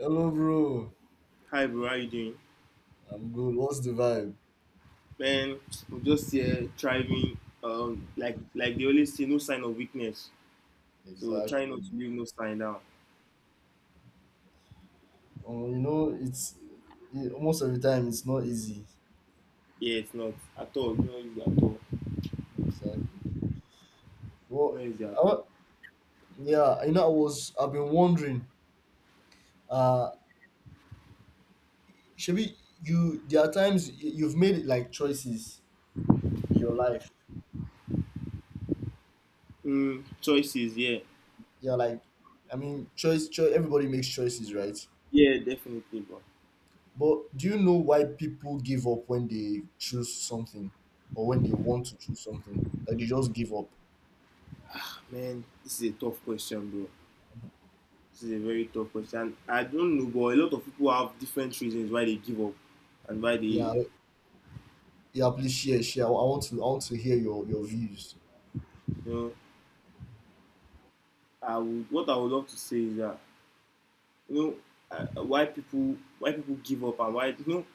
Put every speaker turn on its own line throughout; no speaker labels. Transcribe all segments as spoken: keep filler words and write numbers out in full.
Hello, bro.
Hi bro, how you doing?
I'm good. What's the vibe?
Man, I'm just here thriving. Um, like like they always say, no sign of weakness. So try
Exactly.
not to leave no sign down.
Oh, you know, it's it, most of the time it's not easy.
Yeah, it's not at all. It's not easy at all.
Exactly.
It's
Well,
not easy at
I,
all.
wa- yeah, you know, I was I've been wondering. Uh, Shabi, you there are times y- you've made like choices in your life.
Mm, choices, yeah,
Yeah, like I mean, choice, choice. Everybody makes choices, right?
yeah, definitely, bro.
But do you know why people give up when they choose something, or when they want to choose something? Like they just give up.
Man, this is a tough question, bro. This is a very tough question. I don't know, but a lot of people have different reasons why they give up and why
Yeah.
they,
Yeah, please share, share. I want to, I want to hear your your views.
you know, I would what I would love to say is that you know uh, why people why people give up, and why you know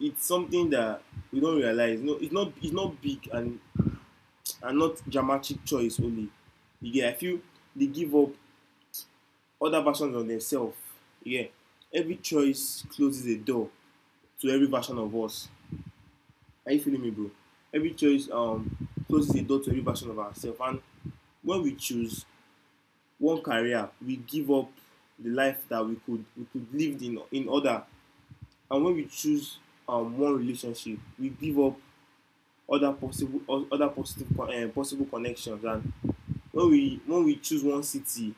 it's something that we don't realize. You know, it's not it's not big and and not dramatic choice only. You get? I feel they give up other versions of themselves. Yeah. Every choice closes a door to every version of us. Are you feeling me, bro? Every choice um closes a door to every version of ourselves. And when we choose one career, we give up the life that we could we could live in in other. And when we choose um, one relationship, we give up other possible other positive co- um, possible connections. And when we when we choose one city,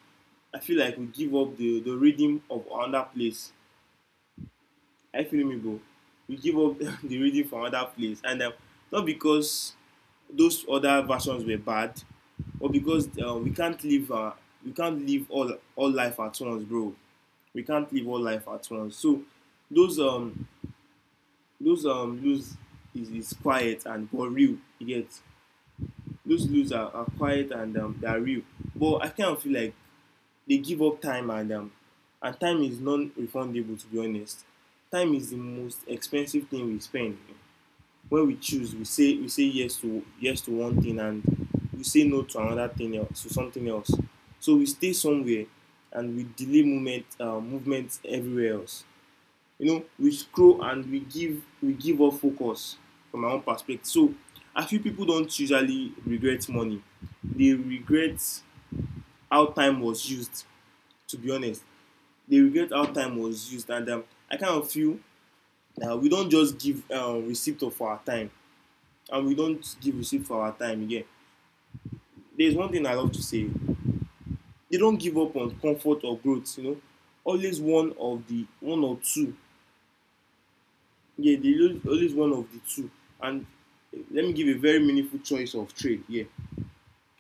I feel like we give up the the rhythm of another place. I feel me, bro. We give up the the rhythm from another place, and um, not because those other versions were bad, or because uh, we can't live uh, we can't live all all life at once, bro. We can't live all life at once. So those um Those um blues is, is quiet and but real. You get? Those lose are, are quiet and um, they are real. But I kind of feel like they give up time, and um and time is non-refundable, to be honest. Time is the most expensive thing we spend. When we choose, we say we say yes to yes to one thing, and we say no to another thing else to something else. So we stay somewhere, and we delay movement uh, movement everywhere else. You know, we scroll and we give we give up focus. From my own perspective, so I feel people don't usually regret money, they regret how time was used, to be honest. They regret how time was used. And um, I kind of feel that we don't just give um, receipt of our time, and we don't give receipt for our time again. There's one thing I love to say: they don't give up on comfort or growth, you know, always one of the one or two. Yeah, they always one of the two. And eh, let me give a very meaningful choice of trade. Yeah,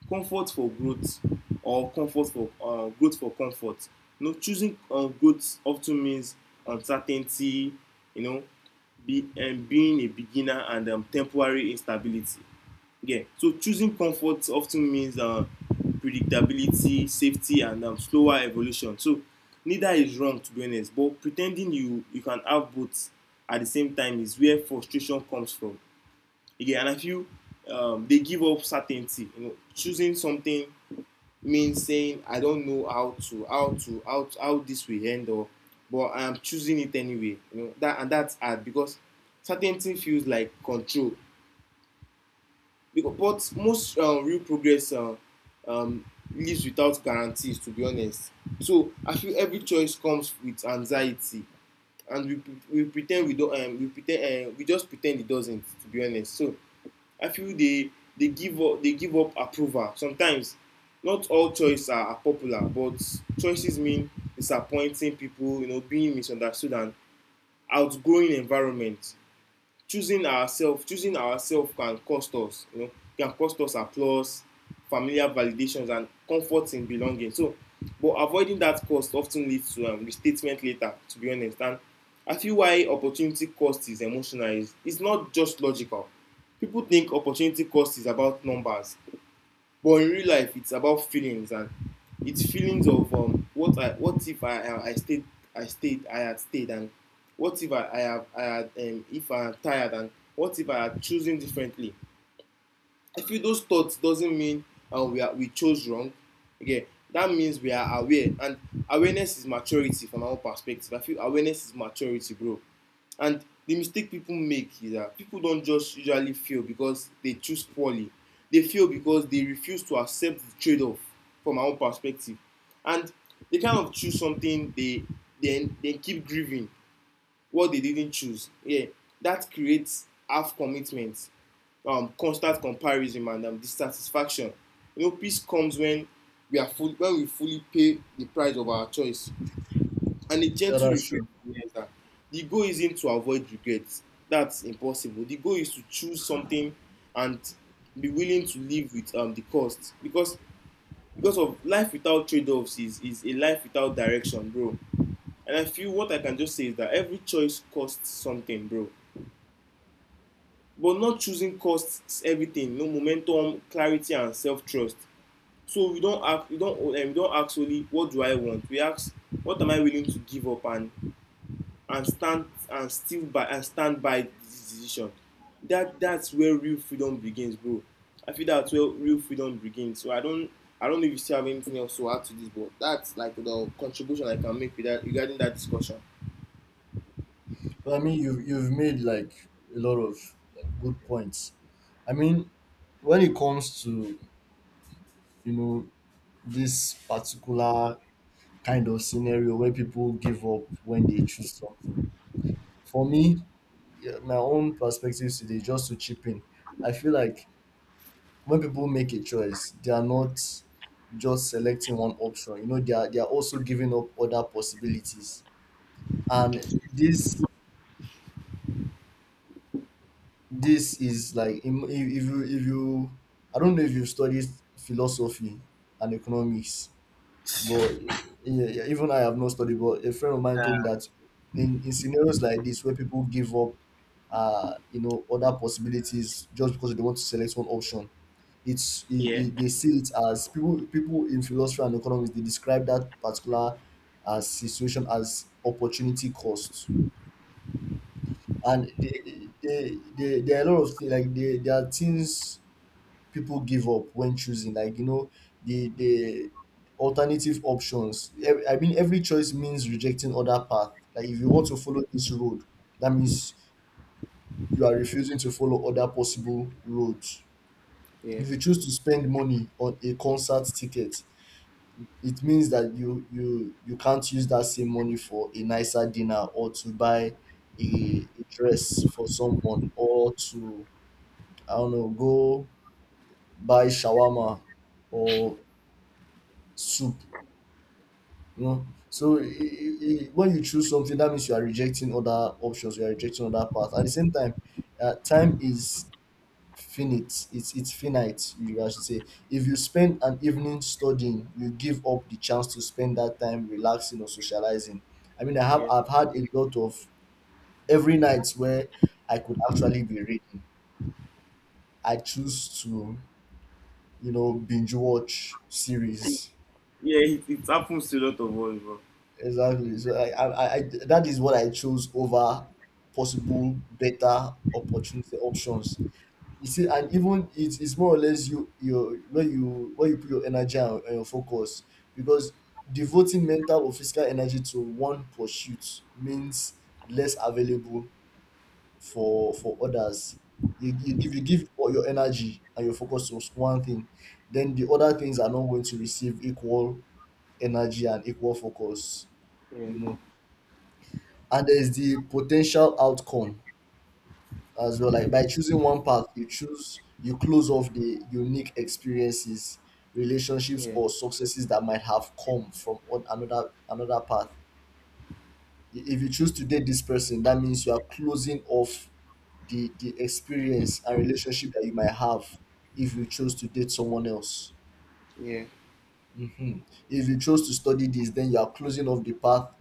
comfort for growth, or comfort for uh, growth for comfort. You know, choosing um, growth often means uncertainty. You know, be, and being a beginner and um, temporary instability. Yeah. So choosing comfort often means uh, predictability, safety, and um, slower evolution. So neither is wrong, to be honest. But pretending you you can have both at the same time is where frustration comes from. Again, and I feel um, they give up certainty. You know, choosing something means saying I don't know how to how to how to, how this will end, or but I am choosing it anyway. You know that, and that's hard because certainty feels like control, because but most um, real progress um, um, lives without guarantees, to be honest. So I feel every choice comes with anxiety, and we we pretend ten d we don um, we pretend ten um, we just pretend it doesn't, to be honest. So I feel they they give up they give up approval sometimes. Not all choices are, are popular, but choices mean disappointing people, you know, being misunderstood and outgrowing environment. Choosing ourselves choosing ourselves can cost us, you know, can cost us applause, familiar validations, and comfort in belonging. So but avoiding that cost often leads to um, restatement later, to be honest. And I feel why opportunity cost is emotional, is is not just logical. People think opportunity cost is about numbers, but in real life, it's about feelings. And it's feelings of um, what I what if I I, stayed, I stayed I had stayed, and what if I, I have I had, um, if I am tired and what if I had chosen differently. I feel those thoughts doesn't mean uh, we are we chose wrong. Okay, that means we are aware, and awareness is maturity, from our perspective. I feel awareness is maturity, bro. And the mistake people make is that people don't just usually fail because they choose poorly. They fail because they refuse to accept the trade-off, from our perspective, and they kind of choose something, they then they keep grieving what they didn't choose. Yeah, that creates half commitment, um, constant comparison, and um, dissatisfaction. You know, peace comes when we are full, when we fully pay the price of our choice. And a
Yeah,
gentle
that's
reflection
true.
is that the goal isn't to avoid regrets. That's impossible. The goal is to choose something and be willing to live with um, the cost, because because of life without trade-offs is is a life without direction, bro. And I feel what I can just say is that every choice costs something, bro, but not choosing costs everything. No momentum, clarity, and self-trust. So we don't ask, we don um, we don ask solely what do I want, we ask what am I willing to give up, and and stand and still by and stand by this decision. That that's where real freedom begins, bro. I feel that's where real freedom begins. So i don't i don't know if you still have anything else to add to this, but that's like the contribution I can make with that regarding that discussion.
But I mean, you've you've made like a lot of like good points. I mean, when it comes to, you know, this particular kind of scenario where people give up when they choose something, for me, yeah, my own perspective today, just to chip in, I feel like when people make a choice, they are not just selecting one option. You know, they are they are also giving up other possibilities. And this this is like im- if, if you if you, I don't know if you studied philosophy and economics. But yeah, yeah, even I have not studied, but a friend of mine told me that in, in scenarios like this where people give up, uh you know, other possibilities just because they want to select one option, it's it,
Yeah.
it, they see it as, people people in philosophy and economics they describe that particular uh, situation as opportunity cost. And
Yeah.
they they they there are a lot of things like, they, there are things people give up when choosing, like, you know, the the alternative options. Ev- I mean, every choice means rejecting other path. Like if you want to follow this road, that means you are refusing to follow other possible roads.
Yeah.
If you choose to spend money on a concert ticket, it means that you you you can't use that same money for a nicer dinner or to buy a, a dress for someone, or to, I don't know, go buy shawarma or soup. You know, so i- i- i- when you choose something, that means you are rejecting other options. You are rejecting other paths. At the same time, uh, time is finite. It's it's finite. You guys should say. If you spend an evening studying, you give up the chance to spend that time relaxing or socializing. I mean, I have I've had a lot of every night where I could actually be reading, I choose to, you know, binge watch series.
Yeah. It, it happens to a lot of us, bro.
Exactly. So like, I, I, I, that is what I chose over possible better opportunity options. You see, and even it's, it's more or less you your where you where you put your energy and, and your focus, because devoting mental or physical energy to one pursuit means less available for for others. You, you, if you give all your energy and your focus to one thing, then the other things are not going to receive equal energy and equal focus. You
Yeah.
know, and there's the potential outcome as well. Like by choosing one path, you choose you close off the unique experiences, relationships,
Yeah.
or successes that might have come from on another another path. I- If you choose to date this person, that means you are closing off the the experience and relationship that you might have if you choose to date someone else.
Yeah.
Hmm. If you chose to study this, then you are closing off the path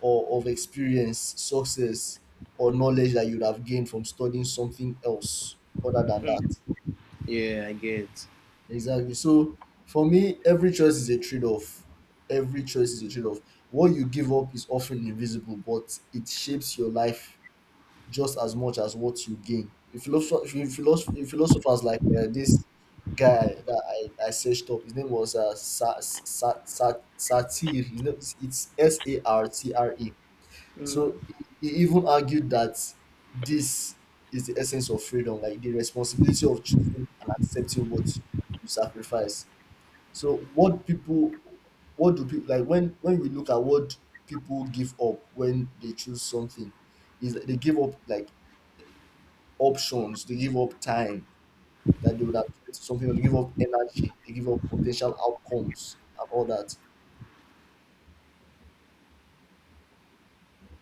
or of experience, success, or knowledge that you'd have gained from studying something else other than that.
Yeah. I get.
Exactly. So for me, every choice is a trade off. Every choice is a trade off. What you give up is often invisible, but it shapes your life just as much as what you gain. If philosophers, philosophers like, uh, this guy that I, I searched up, his name was uh, Sa- Sa- Sa- Satir. His name, is- it's S A R T R E.
Mm.
So he he even argued that this is the essence of freedom, like the responsibility of choosing and accepting what you sacrifice. So what people, what do people like, when when we look at what people give up when they choose something, is that they give up like options, they give up time that they would have given to something, or they give up energy, they give up potential outcomes and all that.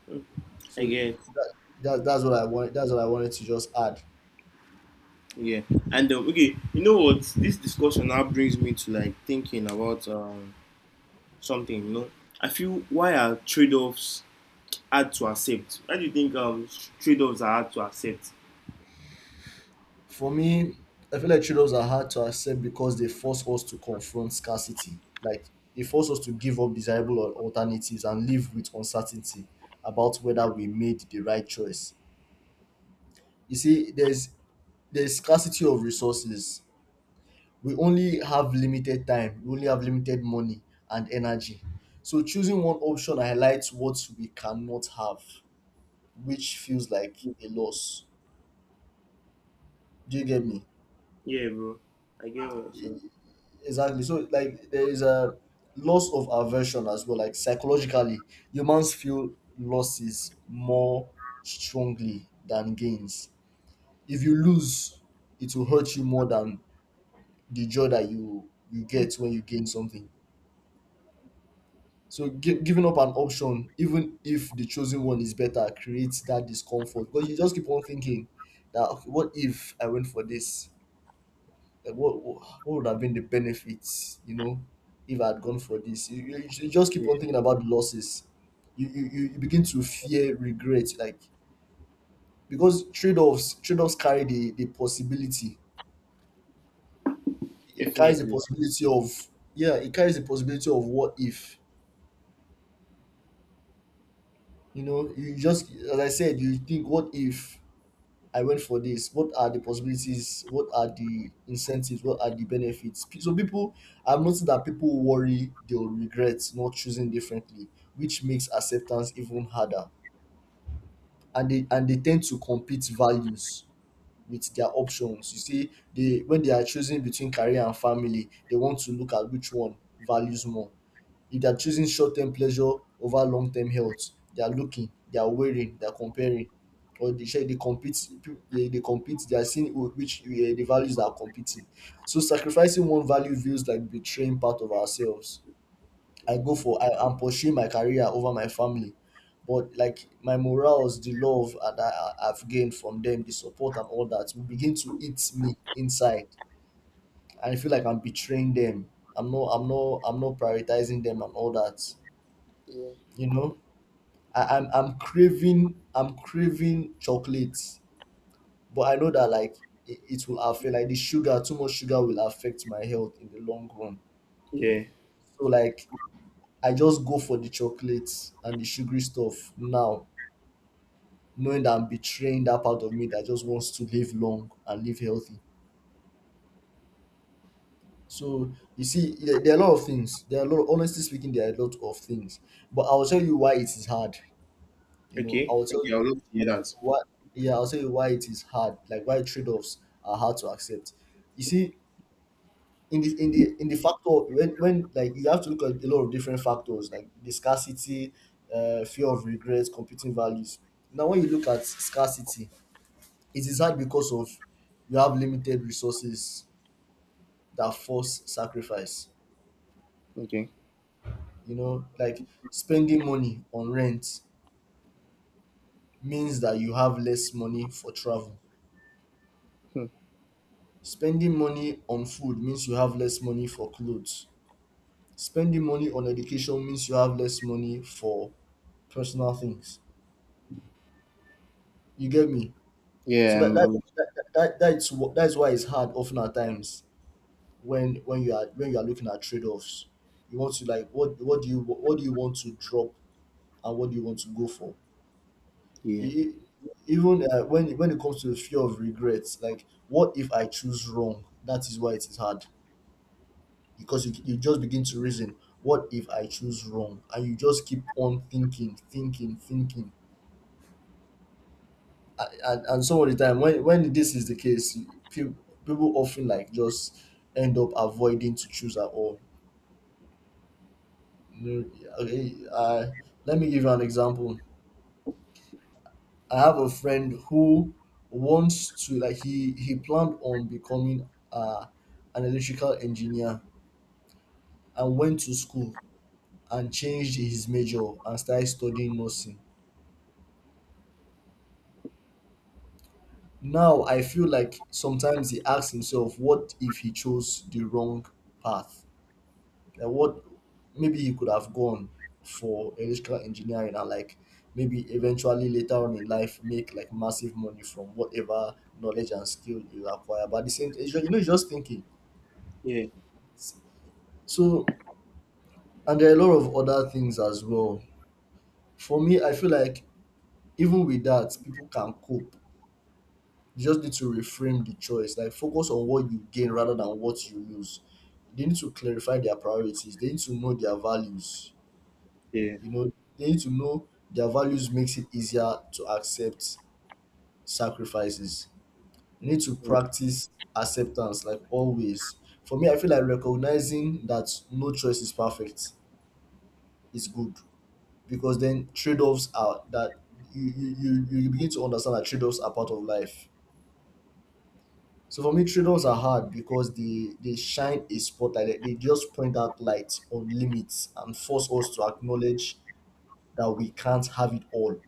Mm. I
So
get.
that, that that's what I want. That's what I wanted to just add.
Yeah. And um, okay, you know what? This discussion now brings me to like thinking about um something. You know, I feel why are trade offs hard to accept? Why do you think um trade offs are hard to accept?
For me, I feel like trade-offs are hard to accept because they force us to confront scarcity. Like they force us to give up desirable al- alternatives and live with uncertainty about whether we made the right choice. You see, there's there's scarcity of resources. We only have limited time, we only have limited money and energy. So choosing one option highlights what we cannot have, which feels like a loss. Do you get me?
Yeah, bro. I get what you're saying.
Exactly. So like there is a loss of aversion as well. Like psychologically humans feel losses more strongly than gains. If you lose, it will hurt you more than the joy that you you get when you gain something. So gi-
Mm.
giving up an option, even if the chosen one is better, creates that discomfort, because you just keep on thinking that, "Okay, what if I went for this? Like what, what what would have been the benefits, you know, if I had gone for this?" You, you, you just keep
Yeah,
on thinking about the losses. You, you, you you begin to fear regret. Like, because trade offs trade offs carry the, the possibility. It carries the
definitely.
possibility of, yeah, it carries the possibility of what if. You know, you, just as I said, you think what if I went for this. What are the possibilities? What are the incentives? What are the benefits? P- So people, I've noticed that people worry they'll regret not choosing differently, which makes acceptance even harder. And they and they tend to compete values with their options. You see, they when they are choosing between career and family, they want to look at which one values more. If they're choosing short-term pleasure over long-term health, they are looking, they are weighing, they are comparing, or they shey they compete. They they compete. They are seeing who which, eh, the values that are competing. So sacrificing one value feels like betraying part of ourselves. I
Mm.
go for I am pursuing my career over my family, but like my morals, the love that I, I've gained from them, the support and all that, will begin to eat me inside. I feel like I'm betraying them. I'm not. I'm not. I'm not prioritizing them and all that.
Yeah.
You know, I, I'm I'm craving, I'm craving chocolates, but I know that like it, it will affect, like the sugar, too much sugar will affect my health in the long run.
Yeah.
So like I just go for the chocolates and the sugary stuff now, knowing that I'm betraying that part of me that just wants to live long and live healthy. So you see, there, there are a lot of things. There are a lot. Honestly speaking, there are a lot of things. But I'll tell you why it is hard. You know, I
Okay.
will tell you,
Okay. I would love to hear
I'll tell you
that.
why. Yeah, I'll tell you why it is hard. Like why trade-offs are hard to accept. You see, in the in the in the factor, when when like you have to look at a lot of different factors like the scarcity, uh, fear of regret, competing values. Now, when you look at scarcity, it is hard because of, you have limited resources that force sacrifice.
Okay.
You know, like spending money on rent means that you have less money for travel.
Hmm.
Spending money on food means you have less money for clothes. Spending money on education means you have less money for personal things. You get me? So
Yeah.
that
I'm,
that
I'm.
that, that, that that's what, that's why it's hard often at times when when you are when you are looking at trade offs. You want to like, what, what do you what do you want to drop, and what do you want to go for? E-
Yeah.
e, Even uh, when when it comes to the fear of regrets, like what if I choose wrong? That is why it is hard. Because you, you just begin to reason, what if I choose wrong? And you just keep on thinking thinking thinking and, and, and some of the time when when this is the case, people, people often like just end up avoiding to choose at all. You know, okay, uh, let me give you an example. I have a friend who wants to like he he planned on becoming uh, an electrical engineer and went to school and changed his major and started studying nursing. Now I feel like sometimes he asks himself, what if he chose the wrong path? Like what, maybe he could have gone for electrical engineering and like maybe eventually later on in life make like massive money from whatever knowledge and skill you acquire. But at the same time, you know, you're just thinking.
Yeah.
So, and there are a lot of other things as well. For me, I feel like even with that, people can cope. You just need to reframe the choice, like focus on what you gain rather than what you lose. They need to clarify their priorities, they need to know their values,
Yeah.
you know. They need to know their values makes it easier to accept sacrifices. You need to practice acceptance, like always. For me, I feel like recognizing that no choice is perfect is good, because then trade-offs are that, you you, you you begin to understand that trade-offs are part of life. So for me, trade-offs are hard because they they shine a spotlight. They they just point out lights on limits and force us to acknowledge that we can't have it all.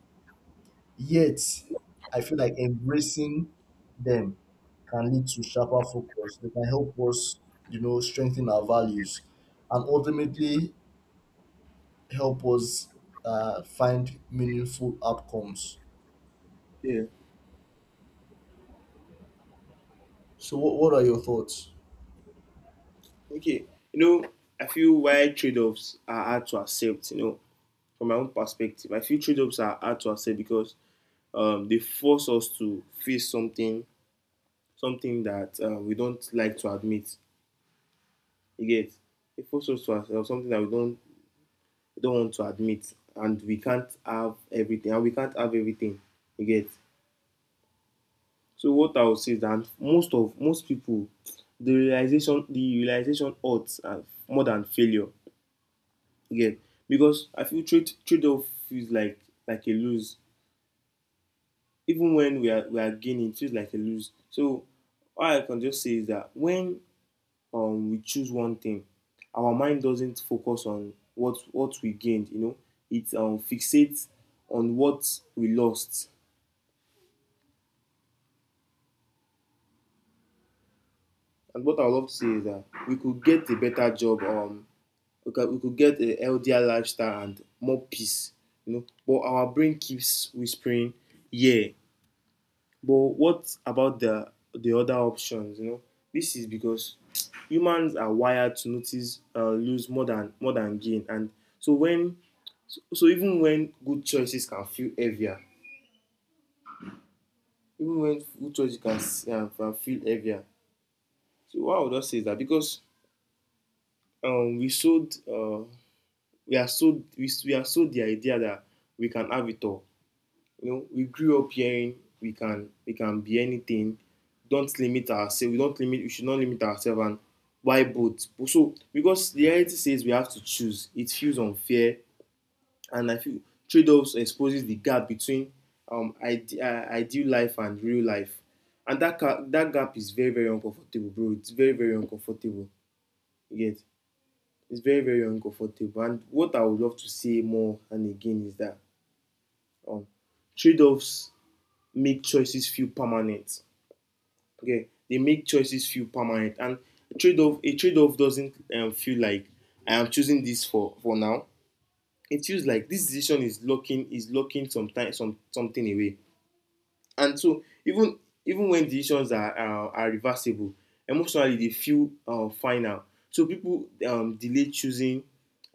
Yet, I feel like embracing them can lead to sharper focus. They can help us, you know, strengthen our values, and ultimately help us uh, find meaningful outcomes.
Yeah.
So what, what are your thoughts?
Okay, you know, I feel why trade offs are hard to accept, you know, from my own perspective. I feel trade offs are hard to accept because um, they force us to face something, something that uh, we don't like to admit. You get? They force us to accept something that we don't, we don't want to admit, and we can't have everything, and we can't have everything. You get? So what I would say is that most of most people, the realization, the realization hurts uh, more than failure. Yeah, because I feel trade trade off feels like like a lose. Even when we are we are gaining, it feels like a lose. So all I can just say is that when um we choose one thing, our mind doesn't focus on what what we gained. You know, it um fixates on what we lost. And what I would love to say is that we could get a better job. Um, we could, we could get a healthier lifestyle and more peace. You know, but our brain keeps whispering, "Yeah, but what about the the other options?" You know, this is because humans are wired to notice uh, lose more than more than gain. And so when so even when good choices can feel heavier, even when good choices can uh, feel heavier. So why I would just say is that because um, we sold uh, we are sold we, we are sold the idea that we can have it all. You know, we grew up hearing we can we can be anything. Don't limit ourselves. We don't limit. We should not limit ourselves. And why both? So because the reality says we have to choose. It feels unfair, and I feel trade-offs exposes the gap between um ide- uh, ideal life and real life, and that ca- that gap is very very uncomfortable, bro. It's very very uncomfortable. You get? It's very very uncomfortable. And what I would love to say more and again is that um trade-offs make choices feel permanent. Okay, they make choices feel permanent. And a trade-off a trade-off doesn't um, feel like I am choosing this for for now. It feels like this decision is locking is locking some time some something away. And so even even when decisions are are, are reversible, emotionally they feel uh, final. So people um, delay choosing,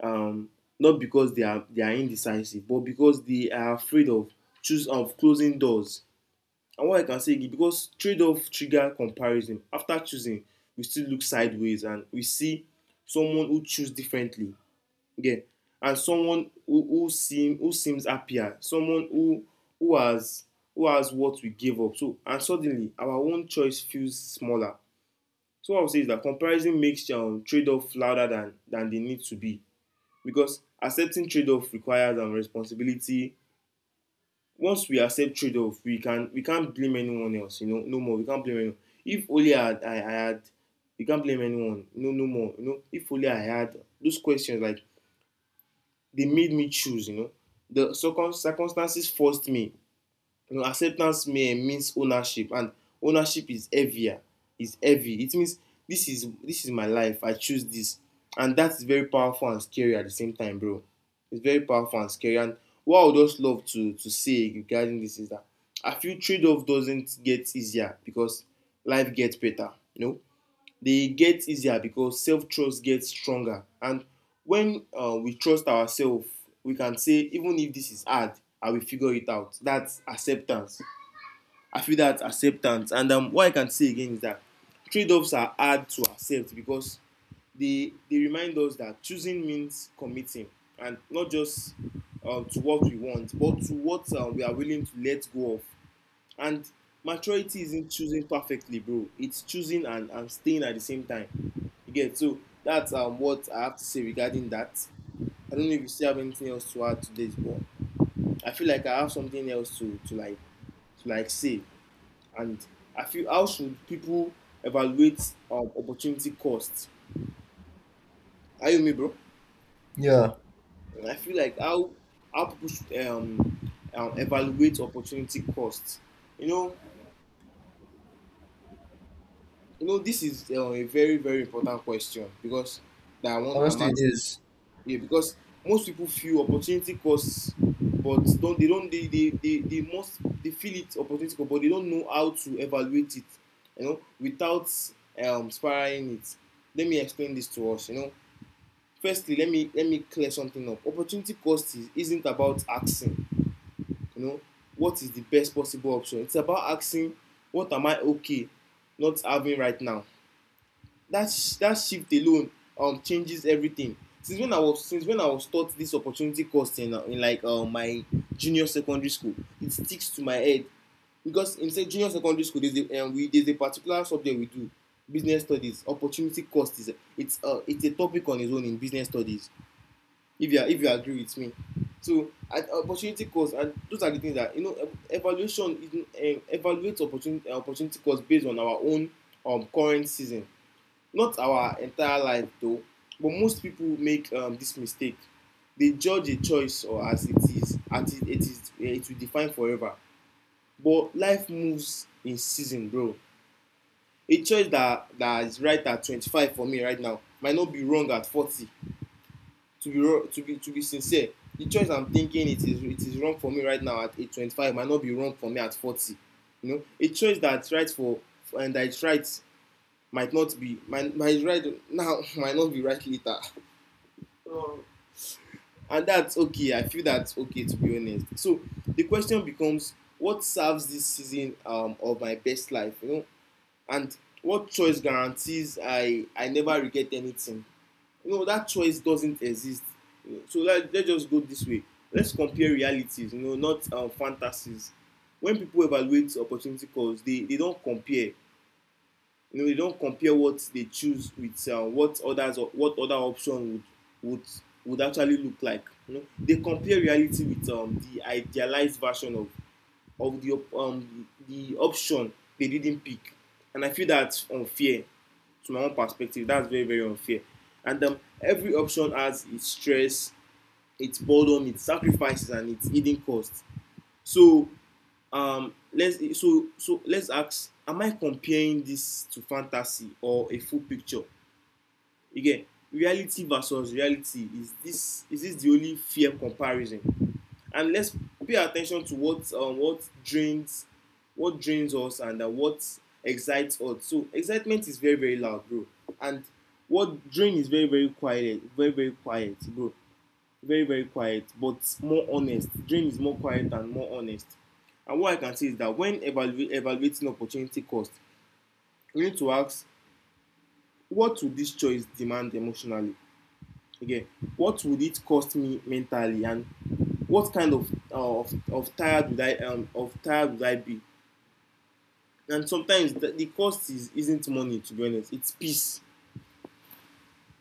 um, not because they are they are indecisive, but because they are afraid of choose of closing doors. And what I can say is because trade-off trigger comparison. After choosing, we still look sideways and we see someone who choose differently. Yeah. And someone who, who seem who seems happier, someone who who has who has what we gave up. So and suddenly our own choice feels smaller. So what I would say is that comparison makes um, trade-off louder than than they need to be, because accepting trade-off requires um, responsibility. Once we accept trade-off, we can we can't blame anyone else, you know, no more. We can't blame anyone if only i had i, I had. We can't blame anyone, no no more, you know. If only I had those questions, like they made me choose, you know, the circum- circumstances forced me, you know. Acceptance me- eh, means ownership, and ownership is heavier. Is heavy. It means this is this is my life. I choose this, and that's very powerful and scary at the same time, bro. It's very powerful and scary. And what I would just love to to say regarding this is that I feel trade off doesn't get easier because life gets better. You know, they get easier because self trust gets stronger. And when uh, we trust ourselves, we can say, even if this is hard, I will figure it out. That's acceptance. I feel that's acceptance. And um, what I can say again is that trade offs are hard to accept because they, they remind us that choosing means committing, and not just uh, to what we want, but to what uh, we are willing to let go of. And maturity isn't choosing perfectly, bro. It's choosing and, and staying at the same time. You get? So that's um what I have to say regarding that. I don't know if you still have anything else to add to this, but I feel like I have something else to, to like to like say. And I feel, how should people evaluate um, opportunity costs? Are you me, bro?
Yeah,
And I feel like how how people should um, um evaluate opportunity costs. You know, you know, this is uh, a very, very important question because that I want I'm
honestly, it
asking.
is.
Yeah, because most people feel opportunity costs, but don't they don't they they they, they must they feel it, opportunity cost, but they don't know how to evaluate it. You know, without um spiraling it. Let me explain this to us. You know, firstly, let me let me clear something up. Opportunity cost is, isn't about asking, you know, what is the best possible option? It's about asking, what am I okay not having right now? That that shift alone um changes everything. Since when I was since when i was taught this opportunity cost in, uh, in like uh, my junior secondary school, it sticks to my head, because in say junior secondary school there's a um, we there's a particular subject we do, business studies. Opportunity cost is a, it's uh, it's a topic on its own in business studies, if you are, if you agree with me. So at opportunity cost, and those are the things that, you know, evaluation is, um, evaluate opportunity opportunity cost based on our own um, current season, not our entire life though, but most people make um, this mistake. They judge a choice or as it is, as it, it is, eh, it will define forever. But life moves in season, bro. A choice that that is right at twenty-five for me right now might not be wrong at forty. To be to be to be sincere, the choice I'm thinking it is it is wrong for me right now at eh, twenty-five might not be wrong for me at forty. You know, a choice that's right for and that is right might not be might, might right now might not be right later. And that's okay. I feel that's okay, to be honest. So the question becomes, what serves this season um, of my best life, you know, and what choice guarantees i i never regret anything? You know, that choice doesn't exist. You know, so let, let's just go this way. Let's compare realities, you know, not um, fantasies. When people evaluate opportunity cost, they they don't compare. You know, they don't compare what they choose with uh, what others, or what other option would would would actually look like. You know, they compare reality with um, the idealized version of of the um, the option they didn't pick, and I feel that's unfair, to my own perspective. That's very, very unfair. And um, every option has its stress, its boredom, its sacrifices, and its hidden costs. So um let's, so so let's ask, am I comparing this to fantasy or a full picture? Again, reality versus reality, is this, is this the only fair comparison? And let's pay attention to what, um, what drains what drains us, and uh, what excites us. So excitement is very, very loud, bro. And what drain is very, very quiet, very, very quiet, bro. Very, very quiet, but more honest. Dream is more quiet and more honest. And what I can say is that when evaluate evaluating opportunity cost, we need to ask, what would this choice demand emotionally? Again, what would it cost me mentally, and what kind of uh, of, of tired would i um, of tired would I be? And sometimes the, the cost is isn't money, to be honest. It's peace.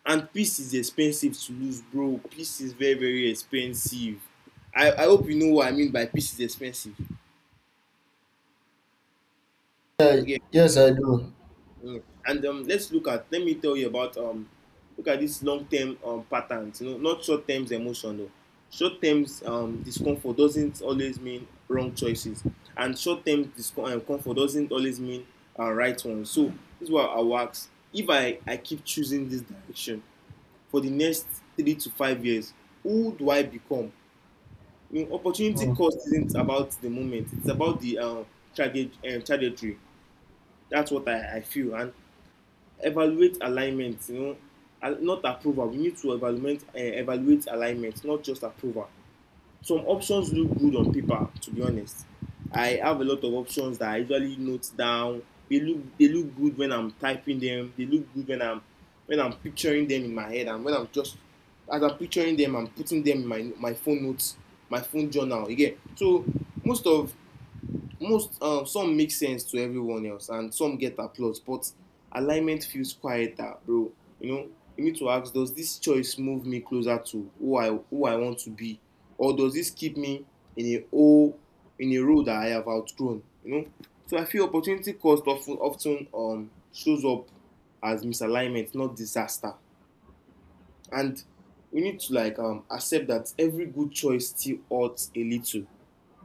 And peace is expensive to lose, bro. Peace is very, very expensive. I i hope you know what I mean by peace is expensive.
Yeah,
Okay.
yes, I do.
Mm. And um, let's look at. Let me tell you about um, look at these long-term um, patterns. You know, not short-term emotion. No, short-term um, discomfort doesn't always mean wrong choices, and short-term discomfort doesn't always mean uh, right ones. So this is what I will ask. If I I keep choosing this direction for the next three to five years, who do I become? You know, opportunity
Hmm.
cost isn't about the moment. It's about the um, traje- um, trajectory. That's what I, I feel. And evaluate alignment, you know, al- not approval. We need to evaluate uh, evaluate alignment, not just approval. Some options look good on paper, to be honest. I have a lot of options that I usually note down. They look they look good when I'm typing them, they look good when I'm when i'm picturing them in my head, and when I'm just, as I'm picturing them, I'm putting them in my my phone notes, my phone journal again. So most of most um, some make sense to everyone else and some get applause, but alignment feels quieter, bro. You know, you need to ask, does this choice move me closer to who i who I want to be, or does this keep me in a hole, in a role that I have outgrown, you know? So I feel opportunity cost often of um, shows up as misalignment, not disaster. And we need to like um, accept that every good choice still hurts a little.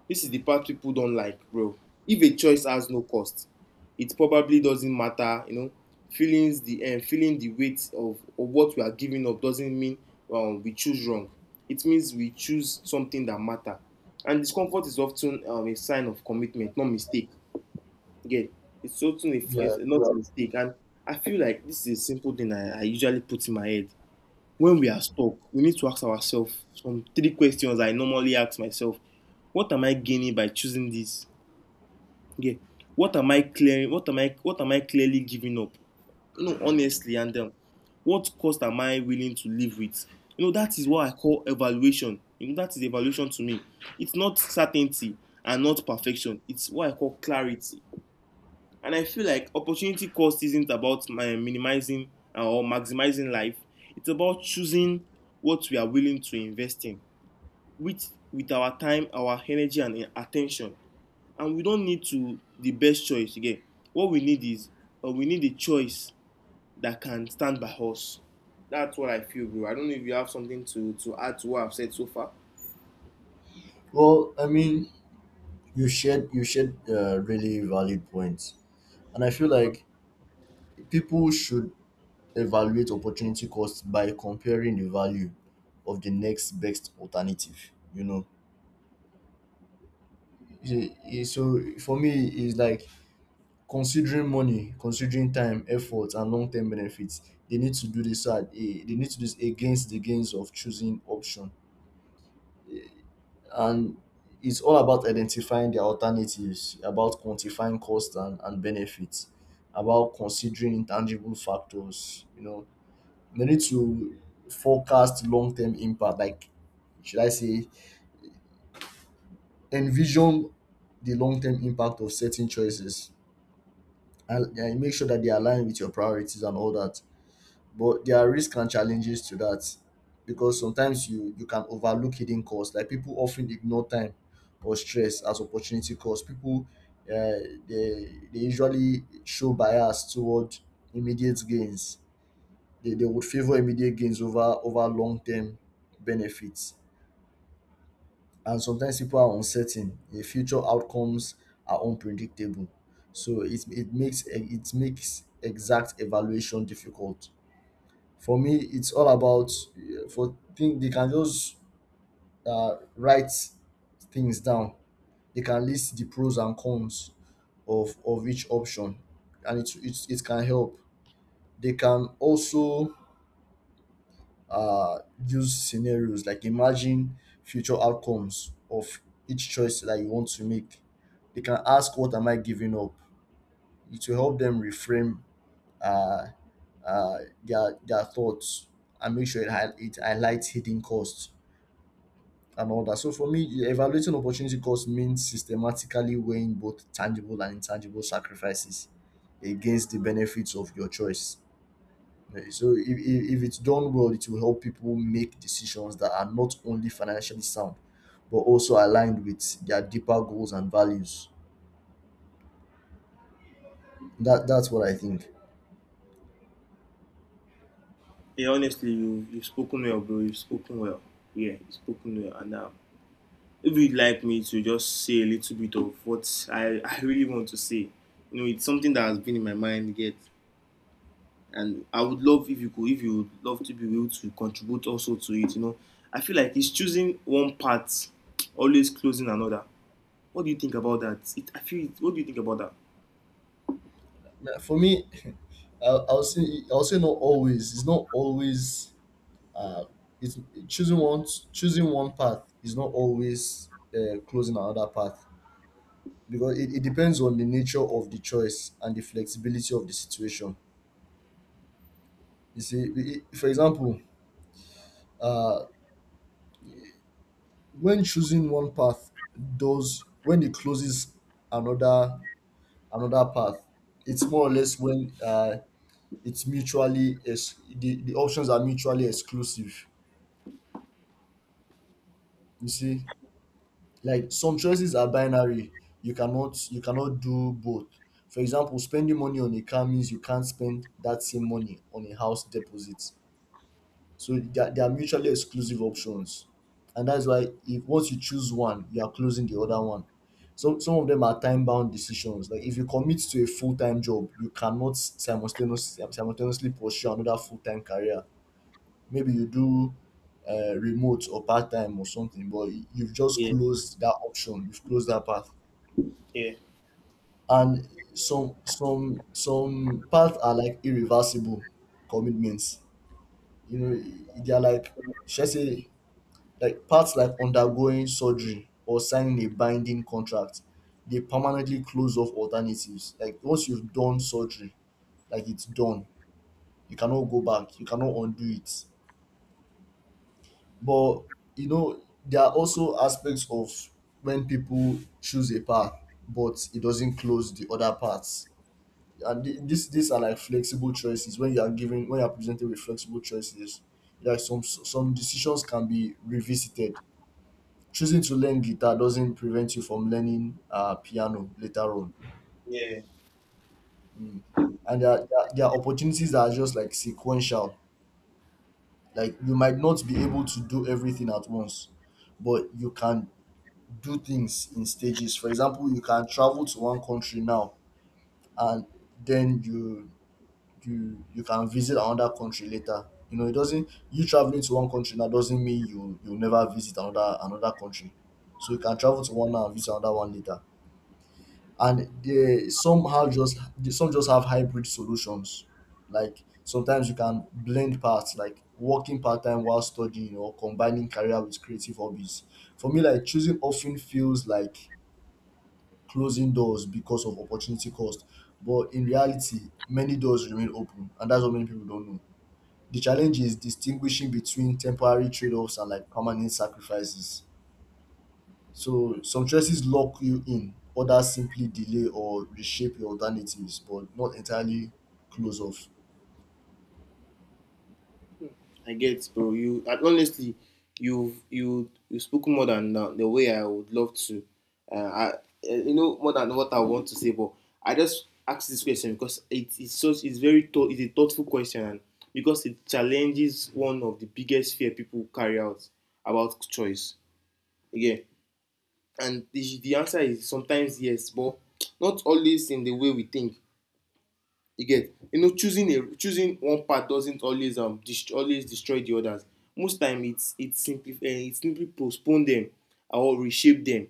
This is the part people don't like, bro. If a choice has no cost, it probably doesn't matter, you know. Feelings the um, feeling the weight of, of what we are giving up doesn't mean um, we choose wrong. It means we choose something that matter. And discomfort is often um, a sign of commitment, not mistake. Again, it's often a,
Yeah.
it's not a mistake. And I feel like this is a simple thing I, I usually put in my head. When we are stuck, we need to ask ourselves some three questions I normally ask myself. What am I gaining by choosing this? Yeah. What am I clearing? What am I what am I clearly giving up? You know, honestly, and um, what cost am I willing to live with? You know, that is what I call evaluation. You know, that is evaluation to me. It's not certainty and not perfection. It's what I call clarity. And I feel like opportunity cost isn't about my minimizing uh, or maximizing life. It's about choosing what we are willing to invest in with with our time, our energy, and uh, attention. And we don't need to the best choice again. What we need is uh, we need a choice that can stand by us. That's what I feel, bro. I don't know if you have something to to add to what I've said so far.
Well, I mean, you shared you shared uh, really valid points, and I feel like people should evaluate opportunity cost by comparing the value of the next best alternative. You know, you see, so for me, it's like considering money, considering time, effort, and long term benefits. They need to do this. At, eh, they need to do this against the gains of choosing option, and it's all about identifying the alternatives, about quantifying cost and, and benefits, about considering intangible factors, you know. They need to forecast long-term impact, like, should I say, envision the long-term impact of certain choices, and, and make sure that they align with your priorities and all that. But there are risks and challenges to that, because sometimes you you can overlook hidden costs, like people often ignore time or stress as opportunity cost. People, uh, they they usually show bias toward immediate gains. They, they would favor immediate gains over over long-term benefits. And sometimes people are uncertain, the future outcomes are unpredictable, so it, it makes it makes exact evaluation difficult. For me, it's all about uh, for thing, they can just uh, write things down. They can list the pros and cons of of each option, and it it, it can help. They can also uh, use scenarios like imagine future outcomes of each choice that you want to make. They can ask, "What am I giving up?" It will help them reframe uh, uh, their their thoughts and make sure it, hi- it highlights hidden costs and all that. So for me, e- evaluating opportunity cost means systematically weighing both tangible and intangible sacrifices against the benefits of your choice. Eh, so if, if, if it's done well, it will help people make decisions that are not only financially sound, but also aligned with their deeper goals and values. That that's what I think.
Yeah, honestly, you you've spoken well, bro. You've spoken well. Yeah, you've spoken well, and uh, if you'd like me to just say a little bit of what I, I really want to say, you know, it's something that has been in my mind yet. And I would love if you could, if you would love to be able to contribute also to it, you know. I feel like it's choosing one part, always closing another. What do you think about that? It, I feel, what do you think about that?
Yeah, for me, i I'll say, I'll say not always. It's not always uh, it's choosing one choosing one path is not always uh, closing another path, because it, it depends on the nature of the choice and the flexibility of the situation. You see, i- i- for example, uh, when choosing one path does, when it closes another another path, it's more or less when uh, it's mutually ex- the, the options are mutually exclusive. You see, like some choices are binary. you cannot you cannot do both. For example, spending money on a car means you can't spend that same money on a house deposit. So they are, they are mutually exclusive options, and that's why, if once you choose one, you are closing the other one. So some of them are time bound decisions. Like if you commit to a full-time job, you cannot simultaneously simultaneously pursue another full-time career. Maybe you do uh, remote or part-time or something, but y- you've just
Yeah,
closed that option, you've closed that path.
yeah,
And some some some paths are like irreversible commitments, you know. They are like, should I say, like paths like undergoing surgery or signing a binding contract. They permanently close off alternatives. Like once you've done surgery, like it's done, you cannot go back, you cannot undo it. But you know, there are also aspects of when people choose a path, but it doesn't close the other paths. And thi- this these are like flexible choices. When you are given, when you are presented with flexible choices, like some some decisions can be revisited. Choosing to learn guitar doesn't prevent you from learning uh, piano later on.
yeah.
Mm. And there are, there are there are opportunities that are just like sequential. Like you might not be able to do everything at once, but you can do things in stages. For example, you can travel to one country now, and then you you you can visit another country later. You know, it doesn't, you traveling to one country now doesn't mean you you'll never visit another another country. So you can travel to one now and visit another one later. And they somehow just they- some just have hybrid solutions. Like sometimes you can blend parts, like working part-time while studying, or combining career with creative hobbies. For me, like choosing often feels like closing doors because of opportunity cost. But in reality, many doors remain open, and that's what many people don't know. The challenge is distinguishing between temporary trade-offs and like permanent sacrifices. So some choices lock you in, others simply delay or reshape your alternatives, but not entirely close off.
I get, bro. You and honestly, you you you spoke more than uh, the way I would love to. Uh, I, uh, you know, more than what I want to say, but I just ask this question because it is such it's very thought it's a thoughtful question, and because it challenges one of the biggest fear people carry out about choice. Again, and the, the answer is sometimes yes, but not always in the way we think. You get? You know, choosing a choosing one part doesn't always um dest- always destroy the others. Most time it's it simply uh, it simply postpone them or reshape them.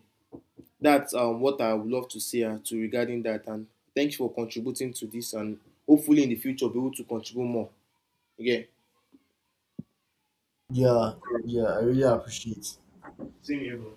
That's um what I would love to say uh, to regarding that. And thank you for contributing to this. And hopefully in the future be able to contribute more. Okay.
Yeah, yeah, I really appreciate
Same here, bro.